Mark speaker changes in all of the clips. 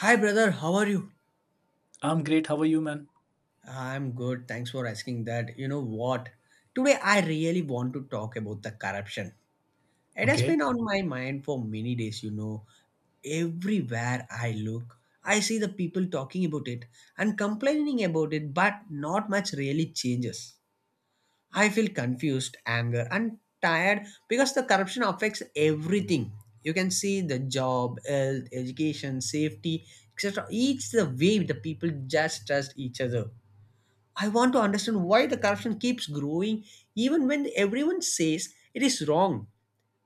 Speaker 1: Hi, brother. How are you?
Speaker 2: I'm great. How are you, man?
Speaker 1: I'm good. Thanks for asking that. You know what? Today, I really want to talk about the corruption. It has
Speaker 2: Okay.
Speaker 1: been on my mind for many days, you know. Everywhere I look, I see the people talking about it and complaining about it, but not much really changes. I feel confused, anger, and tired because the corruption affects everything. You can see the job, health, education, safety, etc. Each the way the people just trust each other. I want to understand why the corruption keeps growing even when everyone says it is wrong.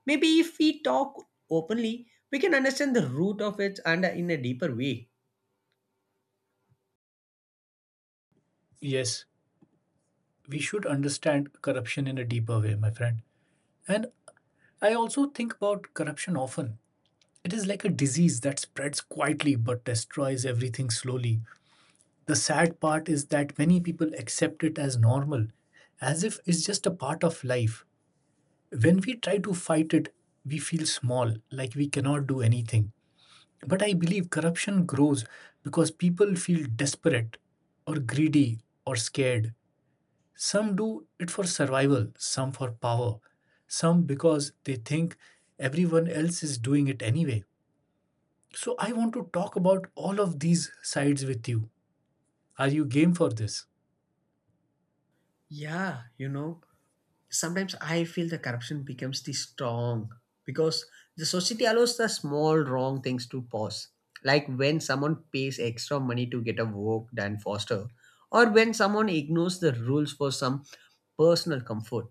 Speaker 1: Maybe if we talk openly, we can understand the root of it and in a deeper way.
Speaker 2: Yes, we should understand corruption in a deeper way, my friend. And I also think about corruption often. It is like a disease that spreads quietly but destroys everything slowly. The sad part is that many people accept it as normal, as if it's just a part of life. When we try to fight it, we feel small, like we cannot do anything. But I believe corruption grows because people feel desperate or greedy or scared. Some do it for survival, some for power, some because they think everyone else is doing it anyway. So, I want to talk about all of these sides with you. Are you game for this?
Speaker 1: Yeah, you know, sometimes I feel the corruption becomes the strong because the society allows the small wrong things to pause. Like when someone pays extra money to get a work done faster, or when someone ignores the rules for some personal comfort.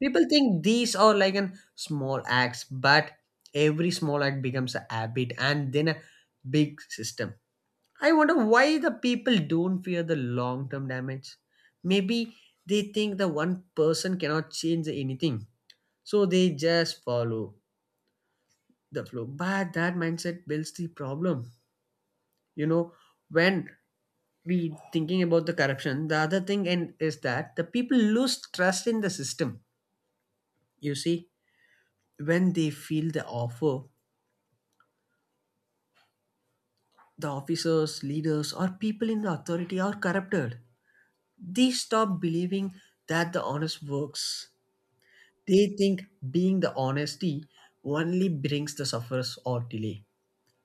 Speaker 1: People think these are like an small acts, but every small act becomes a habit and then a big system. I wonder why the people don't fear the long term damage. Maybe they think the one person cannot change anything, so they just follow the flow. But that mindset builds the problem. You know, when we thinking about the corruption, the other thing and is that the people lose trust in the system. You see, when they feel the offer, the officers, leaders, or people in the authority are corrupted. They stop believing that the honest works. They think being the honesty only brings the suffers or delay.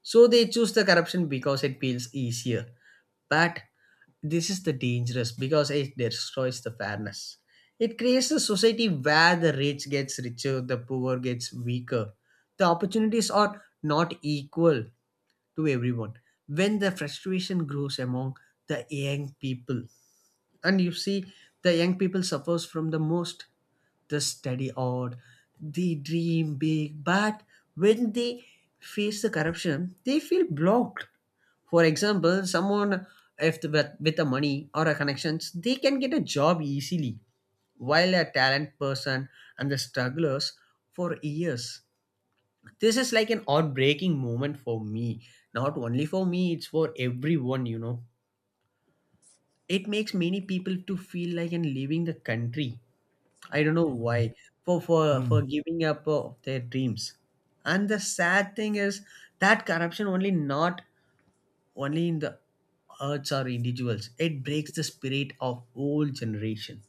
Speaker 1: So they choose the corruption because it feels easier. But this is the dangerous because it destroys the fairness. It creates a society where the rich gets richer, the poor gets weaker. The opportunities are not equal to everyone. When the frustration grows among the young people, and you see the young people suffers from the most the steady odd, they dream big, but when they face the corruption, they feel blocked. For example, someone if the, with the money or a connections, they can get a job easily, while a talent person and the strugglers for years. This is like an heartbreaking moment for me. Not only for me, it's for everyone, you know. It makes many people to feel like and leaving the country. I don't know why for for
Speaker 2: Hmm.
Speaker 1: for giving up of their dreams. And the sad thing is that corruption only not only in the hurts our individuals. It breaks the spirit of old generation.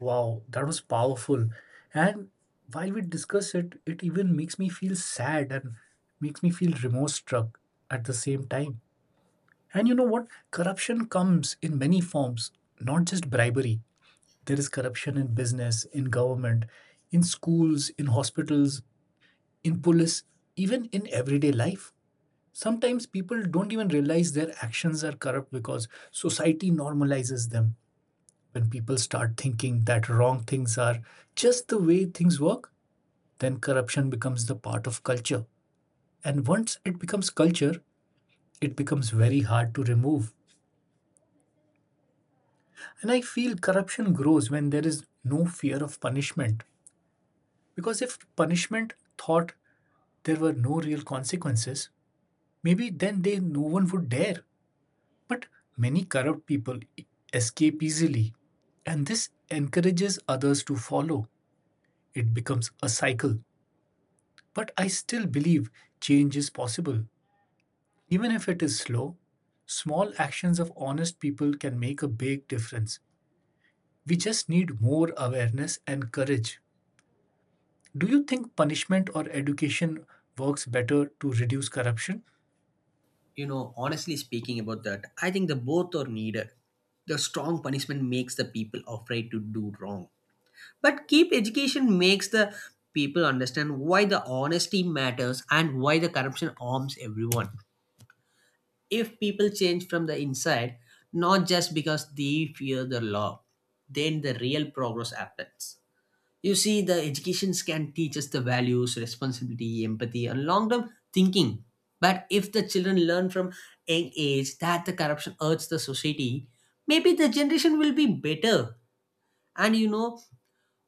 Speaker 2: Wow, that was powerful. And while we discuss it, it even makes me feel sad and makes me feel remorse struck at the same time. And you know what? Corruption comes in many forms, not just bribery. There is corruption in business, in government, in schools, in hospitals, in police, even in everyday life. Sometimes people don't even realize their actions are corrupt because society normalizes them. When people start thinking that wrong things are just the way things work, then corruption becomes the part of culture. And once it becomes culture, it becomes very hard to remove. And I feel corruption grows when there is no fear of punishment. Because if punishment, thought, there were no real consequences, maybe then they no one would dare. But many corrupt people escape easily, and this encourages others to follow. It becomes a cycle. But I still believe change is possible, even if it is slow. Small actions of honest people can make a big difference. We just need more awareness and courage. Do you think punishment or education works better to reduce corruption?
Speaker 1: You know, honestly speaking about that, I think the both are needed. The strong punishment makes the people afraid to do wrong. But keep education makes the people understand why the honesty matters and why the corruption harms everyone. If people change from the inside, not just because they fear the law, then the real progress happens. You see, the educations can teach us the values, responsibility, empathy, and long term thinking. But if the children learn from young age that the corruption hurts the society, maybe the generation will be better. And you know,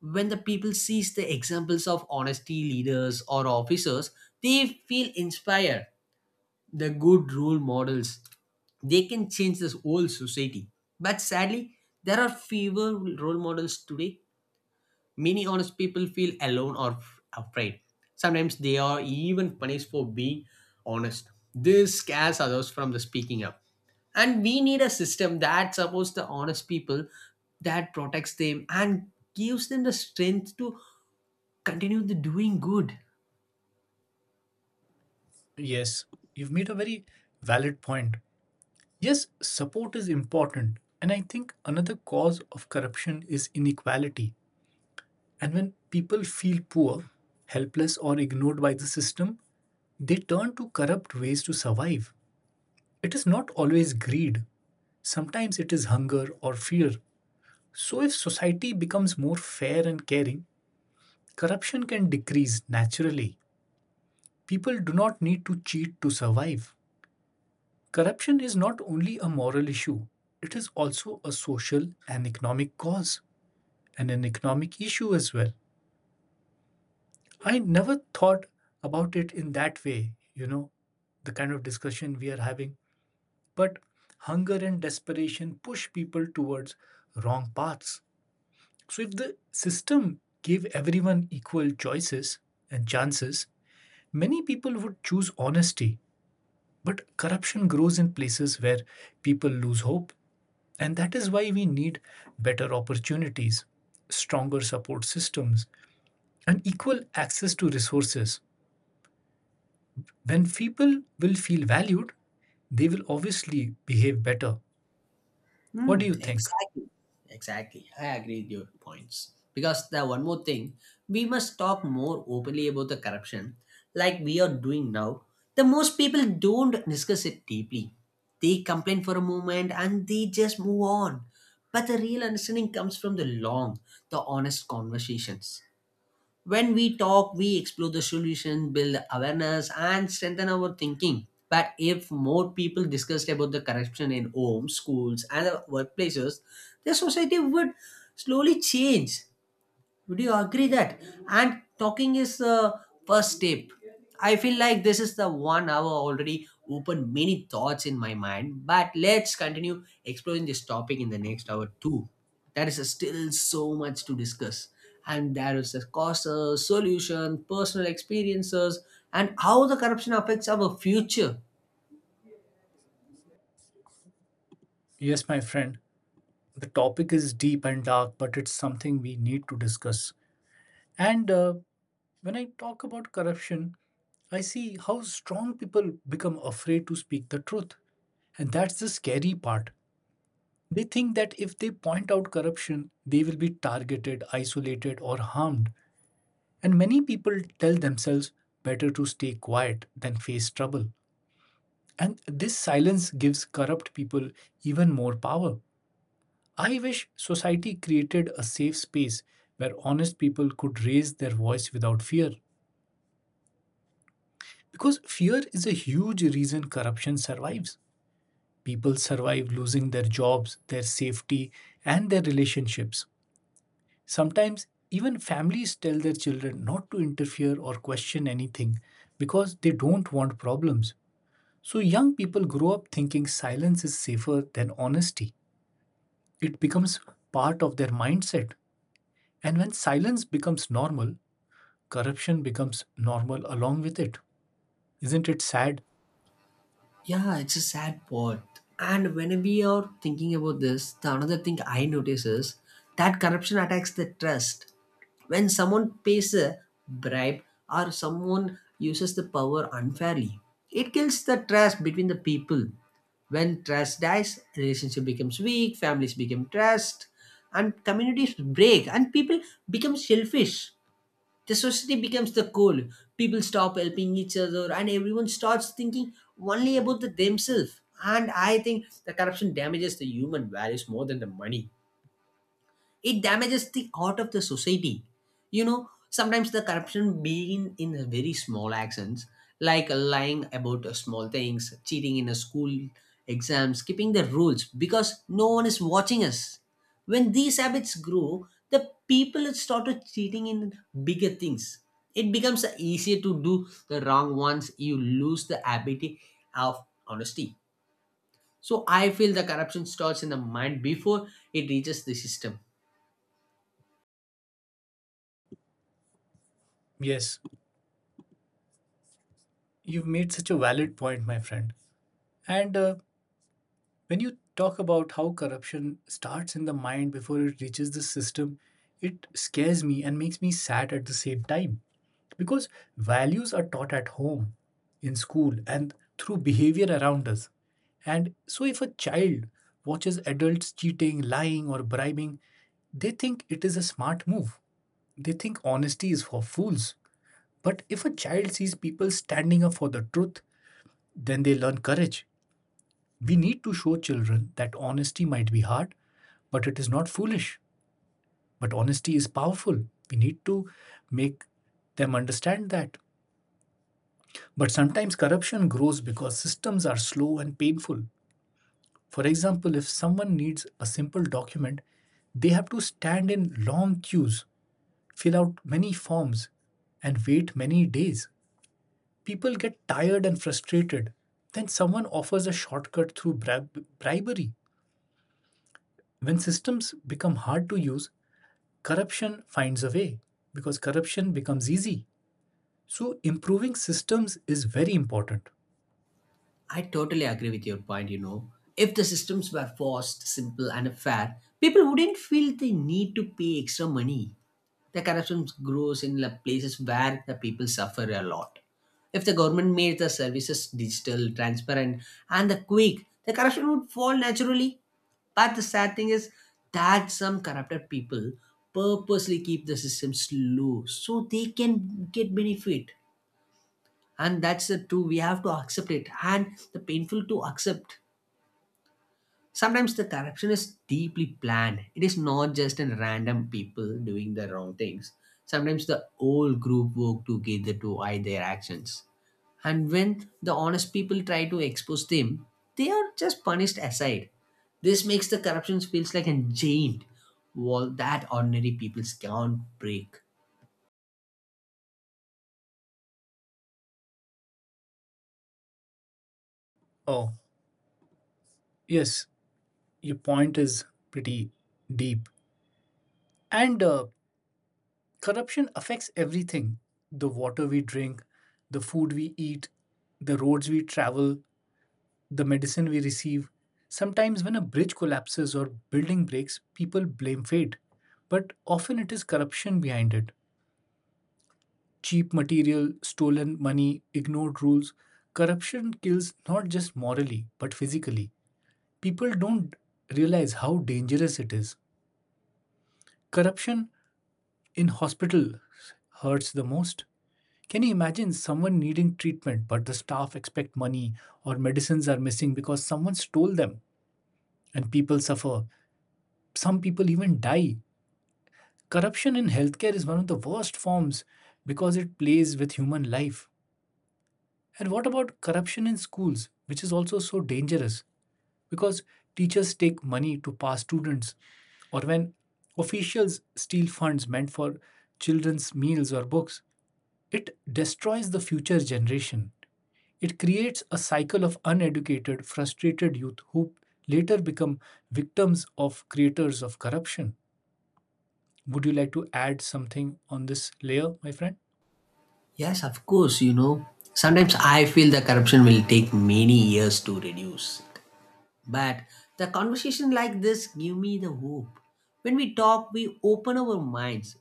Speaker 1: when the people sees the examples of honesty leaders or officers, they feel inspired the good role models they can change this whole society. But sadly, there are fewer role models today. Many honest people feel alone or afraid. Sometimes they are even punished for being honest. This scares others from the speaking up, and we need a system that supports the honest people, that protects them and gives them the strength to continue the doing good.
Speaker 2: Yes, you've made a very valid point. Yes, support is important. And I think another cause of corruption is inequality. And when people feel poor, helpless, or ignored by the system, they turn to corrupt ways to survive. It is not always greed, sometimes it is hunger or fear. So, if society becomes more fair and caring, corruption can decrease naturally. People do not need to cheat to survive. Corruption is not only a moral issue, it is also a social and economic cause and an economic issue as well. I never thought about it in that way, you know, the kind of discussion we are having. But hunger and desperation push people towards wrong paths. So if the system gave everyone equal choices and chances, many people would choose honesty. But corruption grows in places where people lose hope. And that is why we need better opportunities, stronger support systems, and equal access to resources. When people will feel valued, they will obviously behave better. What
Speaker 1: Hmm.
Speaker 2: do you think?
Speaker 1: Exactly. Exactly. I agree with your points. Because the one more thing, we must talk more openly about the corruption, like we are doing now. The most people don't discuss it deeply. They complain for a moment and they just move on. But the real understanding comes from the long, the honest conversations. When we talk, we explore the solution, build awareness, and strengthen our thinking. But if more people discussed about the corruption in homes, schools, and workplaces, the society would slowly change. Would you agree that? And talking is the first step. I feel like this is the 1 hour already opened many thoughts in my mind. But let's continue exploring this topic in the next hour too. There is still so much to discuss. And there is the causes, solution, personal experiences, and how the corruption affects our future.
Speaker 2: Yes, my friend, the topic is deep and dark, but it's something we need to discuss. And when I talk about corruption, I see how strong people become afraid to speak the truth. And that's the scary part. They think that if they point out corruption, they will be targeted, isolated, or harmed. And many people tell themselves better to stay quiet than face trouble. And this silence gives corrupt people even more power. I wish society created a safe space where honest people could raise their voice without fear. Because fear is a huge reason corruption survives. People survive losing their jobs, their safety, and their relationships. Sometimes even families tell their children not to interfere or question anything because they don't want problems. So young people grow up thinking silence is safer than honesty. It becomes part of their mindset. And when silence becomes normal, corruption becomes normal along with it. Isn't it sad?
Speaker 1: Yeah, it's a sad part. And when we are thinking about this, the another thing I notice is that corruption attacks the trust. When someone pays a bribe or someone uses the power unfairly, it kills the trust between the people. When trust dies, relationship becomes weak, families become trust, and communities break, and people become selfish. The society becomes the cold. People stop helping each other, and everyone starts thinking only about the themselves. And I think the corruption damages the human values more than the money. It damages the art of the society. You know, sometimes the corruption being in a very small actions, like lying about small things, cheating in a school exam, skipping the rules because no one is watching us. When these habits grow, the people started cheating in bigger things. It becomes easier to do the wrong ones. You lose the ability of honesty. So I feel the corruption starts in the mind before it reaches the system.
Speaker 2: Yes, you've made such a valid point, my friend. And when you talk about how corruption starts in the mind before it reaches the system, it scares me and makes me sad at the same time. Because values are taught at home, in school, and through behavior around us. And so, if a child watches adults cheating, lying, or bribing, they think it is a smart move. They think honesty is for fools. But if a child sees people standing up for the truth, then they learn courage. We need to show children that honesty might be hard, but it is not foolish. But honesty is powerful. We need to make them understand that. But sometimes corruption grows because systems are slow and painful. For example, if someone needs a simple document, they have to stand in long queues, fill out many forms, and wait many days. People get tired and frustrated. Then someone offers a shortcut through bribery. When systems become hard to use, corruption finds a way because corruption becomes easy. So, improving systems is very important.
Speaker 1: I totally agree with your point, you know. If the systems were fast, simple, and fair, people wouldn't feel the need to pay extra money. The corruption grows in the places where the people suffer a lot. If the government made the services digital, transparent, and the quick, the corruption would fall naturally. But the sad thing is that some corrupted people purposely keep the system slow so they can get benefit, and that's the true. We have to accept it and the painful to accept. Sometimes the corruption is deeply planned. It is not just in random people doing the wrong things. Sometimes the whole group work together to hide their actions, and when the honest people try to expose them, they are just punished aside. This makes the corruption feels like a giant wall that ordinary people can't break.
Speaker 2: Oh, yes, your point is pretty deep. And corruption affects everything, the water we drink, the food we eat, the roads we travel, the medicine we receive. Sometimes, when a bridge collapses or building breaks, people blame fate, but often it is corruption behind it. Cheap material, stolen money, ignored rules. Corruption kills not just morally, but physically. People don't realize how dangerous it is. Corruption in hospital hurts the most. Can you imagine someone needing treatment, but the staff expect money or medicines are missing because someone stole them and people suffer? Some people even die. Corruption in healthcare is one of the worst forms because it plays with human life. And what about corruption in schools, which is also so dangerous because teachers take money to pass students, or when officials steal funds meant for children's meals or books, it destroys the future generation. It creates a cycle of uneducated, frustrated youth who later become victims of creators of corruption. Would you like to add something on this layer, my friend?
Speaker 1: Yes, of course, you know. Sometimes I feel the corruption will take many years to reduce. But the conversation like this give me the hope. When we talk, we open our minds.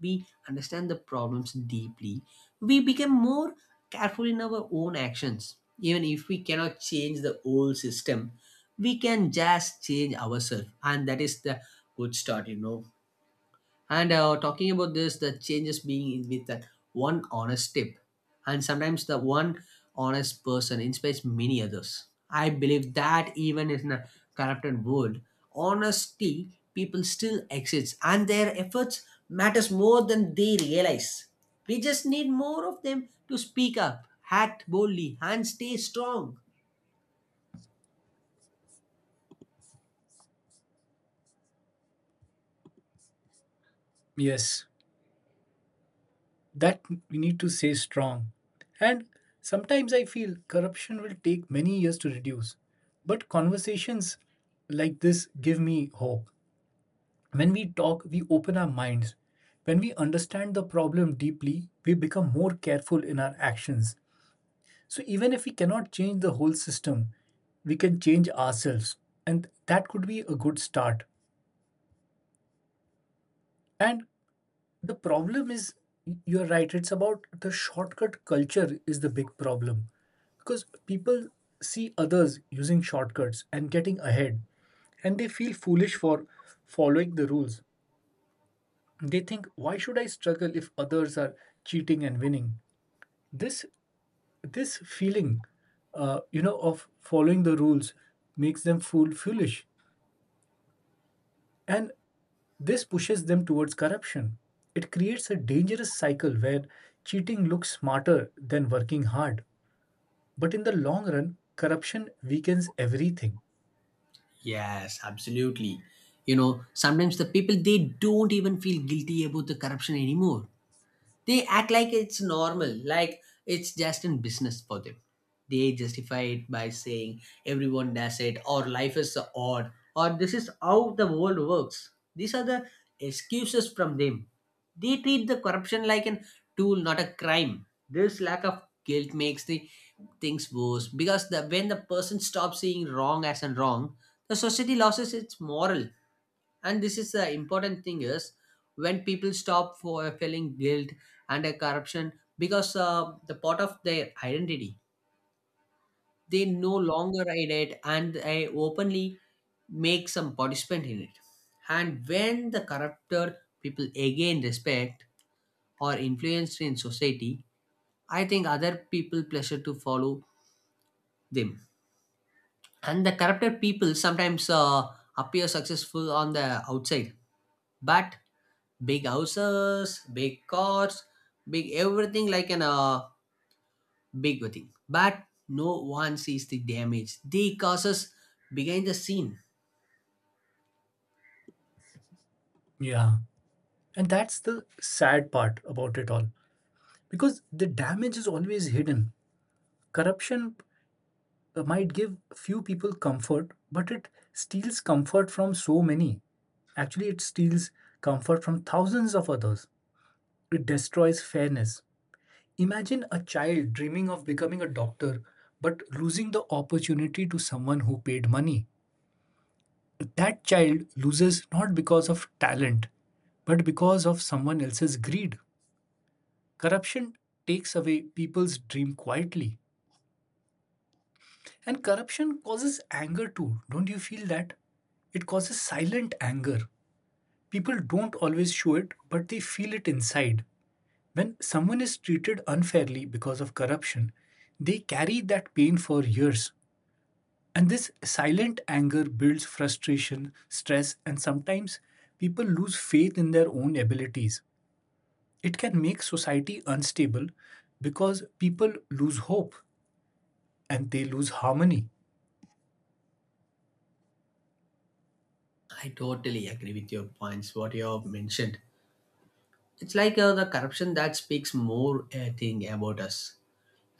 Speaker 1: We understand the problems deeply. We become more careful in our own actions. Even if we cannot change the old system, we can just change ourselves. And that is the good start, you know. And talking about this, the changes being with that one honest tip, and sometimes the one honest person inspires many others. I believe that even in a corrupted world, honesty people still exists, and their efforts matters more than they realize. We just need more of them to speak up, act boldly, and stay strong.
Speaker 2: Yes, that we need to stay strong. And sometimes I feel corruption will take many years to reduce. But conversations like this give me hope. When we talk, we open our minds. When we understand the problem deeply, we become more careful in our actions. So even if we cannot change the whole system, we can change ourselves. And that could be a good start. And the problem is, you're right, it's about the shortcut culture is the big problem because people see others using shortcuts and getting ahead, and they feel foolish for following the rules. They think, why should I struggle if others are cheating and winning? This this feeling, you know, of following the rules makes them foolish. And this pushes them towards corruption. It creates a dangerous cycle where cheating looks smarter than working hard. But in the long run, corruption weakens everything.
Speaker 1: Yes, absolutely. You know, sometimes the people, they don't even feel guilty about the corruption anymore. They act like it's normal, like it's just in business for them. They justify it by saying everyone does it, or life is odd, or this is how the world works. These are the excuses from them. They treat the corruption like an tool, not a crime. This lack of guilt makes the things worse, because the, when the person stops seeing wrong as a wrong, the society loses its moral. And this is the important thing is, when people stop for feeling guilt and a corruption, because the part of their identity, they no longer hide it and they openly make some participant in it. And when the corruptor people again respect or influence in society, I think other people pleasure to follow them. And the corrupted people sometimes appear successful on the outside, but big houses, big cars, big everything like an big thing. But no one sees the damage they causes behind the scene.
Speaker 2: Yeah. And that's the sad part about it all. Because the damage is always hidden. Corruption might give few people comfort, but it steals comfort from so many. Actually, it steals comfort from thousands of others. It destroys fairness. Imagine a child dreaming of becoming a doctor but losing the opportunity to someone who paid money. That child loses not because of talent but because of someone else's greed. Corruption takes away people's dream quietly. And corruption causes anger too. Don't you feel that? It causes silent anger. People don't always show it, but they feel it inside. When someone is treated unfairly because of corruption, they carry that pain for years. And this silent anger builds frustration, stress, and sometimes people lose faith in their own abilities. It can make society unstable because people lose hope and they lose harmony.
Speaker 1: I totally agree with your points. What you have mentioned, it's like the corruption that speaks more thing about us,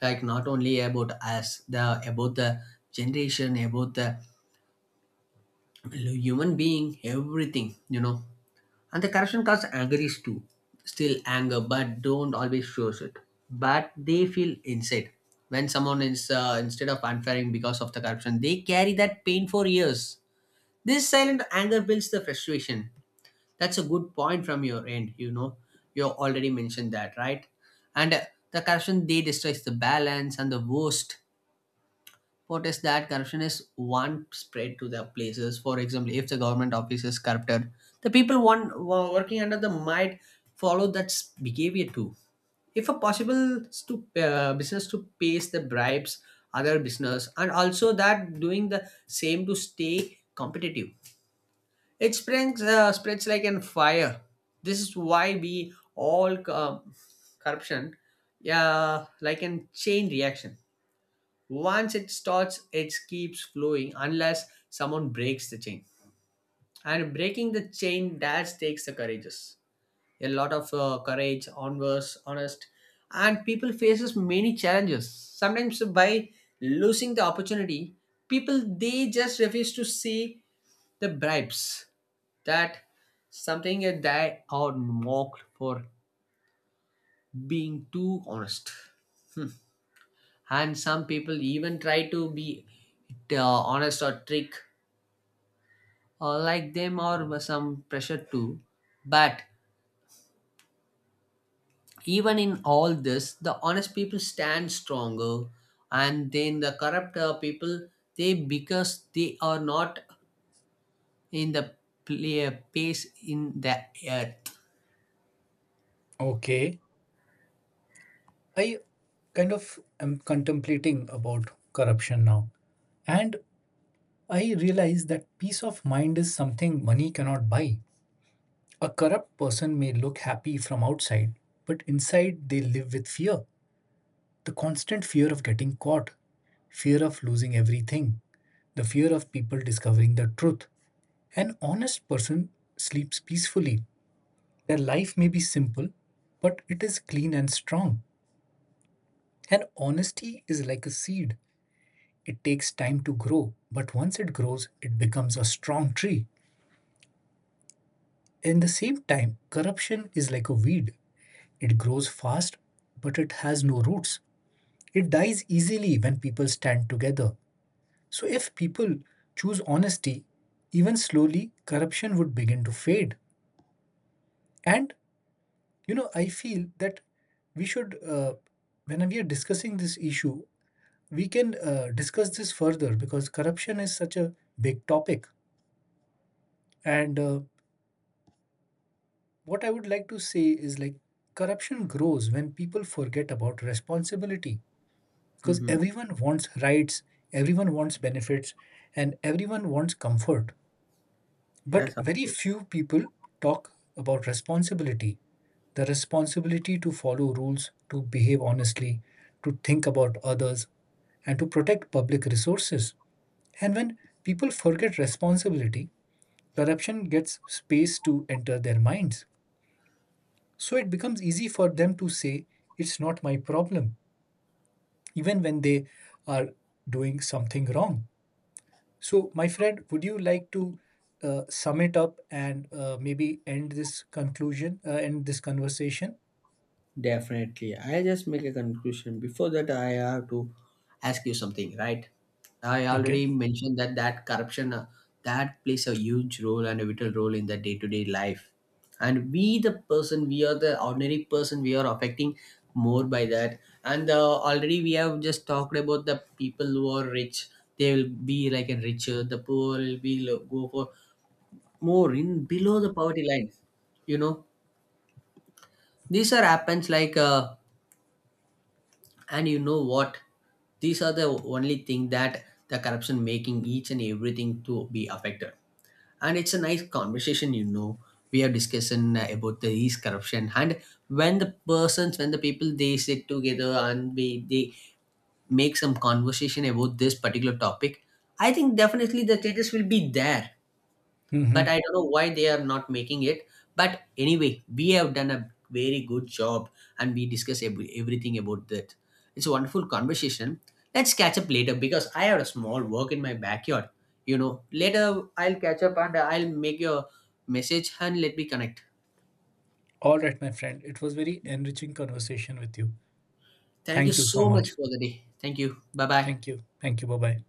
Speaker 1: like not only about us, the about the generation, about the, well, human being, everything, you know. And the corruption causes anger is too. Still anger, but don't always show it. But they feel inside. When someone is, instead of unfairing because of the corruption, they carry that pain for years. This silent anger builds the frustration. That's a good point from your end, you know. You already mentioned that, right? And the corruption, they destroys the balance and the worst, what is that corruption is one spread to the places. For example, if the government office is corrupted, the people one working under them might follow that behavior too. If a possible to business to pays the bribes, other business and also that doing the same to stay competitive. It spreads spreads like an fire. This is why we all corruption, yeah, like an chain reaction. Once it starts, it keeps flowing unless someone breaks the chain. And breaking the chain, that takes the courageous. A lot of courage, onwards, honest, and people faces many challenges. Sometimes by losing the opportunity, people they just refuse to see the bribes, that something that they are mocked for being too honest. And some people even try to be honest or trick like them or some pressure too. But even in all this, the honest people stand stronger, and then the corrupt people, they because they are not in the play pace in the earth.
Speaker 2: Okay. I kind of am contemplating about corruption now. And I realize that peace of mind is something money cannot buy. A corrupt person may look happy from outside, but inside they live with fear. The constant fear of getting caught, fear of losing everything, the fear of people discovering the truth. An honest person sleeps peacefully. Their life may be simple, but it is clean and strong. And honesty is like a seed. It takes time to grow, but once it grows, it becomes a strong tree. In the same time, corruption is like a weed. It grows fast, but it has no roots. It dies easily when people stand together. So, if people choose honesty, even slowly, corruption would begin to fade. And, you know, I feel that we should, when we are discussing this issue, we can discuss this further because corruption is such a big topic. And what I would like to say is like corruption grows when people forget about responsibility because
Speaker 1: Mhm.
Speaker 2: everyone wants rights, everyone wants benefits, and everyone wants comfort.
Speaker 1: Yes,
Speaker 2: But
Speaker 1: of
Speaker 2: very
Speaker 1: course.
Speaker 2: few people talk about responsibility, the responsibility to follow rules, to behave honestly, to think about others, and to protect public resources. And when people forget responsibility, corruption gets space to enter their minds. So it becomes easy for them to say, "It's not my problem," even when they are doing something wrong. So, my friend, would you like to sum it up and maybe end this conversation?
Speaker 1: Definitely. I just make a conclusion. Before that, I have to ask you something, right? I
Speaker 2: Okay.
Speaker 1: already mentioned that that corruption that plays a huge role and a vital role in the day-to-day life. And we, the person, we are the ordinary person, we are affecting more by that. And already we have just talked about the people who are rich. They will be like a richer. The poor will be go for more in below the poverty line. You know, these are happens like. And you know what, these are the only thing that the corruption making each and everything to be affected. And it's a nice conversation, you know. We are discussing about the these corruption. And when the people, they sit together and we they make some conversation about this particular topic, I think definitely the changes will be there.
Speaker 2: Mm-hmm.
Speaker 1: But I don't know why they are not making it. But anyway, we have done a very good job and we discuss everything about that. It's a wonderful conversation. Let's catch up later because I have a small work in my backyard. You know, later I'll catch up and I'll make your message and let me connect.
Speaker 2: All right, my friend. It was very enriching conversation with you.
Speaker 1: Thank you
Speaker 2: Thank you so
Speaker 1: so much
Speaker 2: much.
Speaker 1: for the day. Thank you. Bye bye.
Speaker 2: Thank you. Thank you. Bye bye.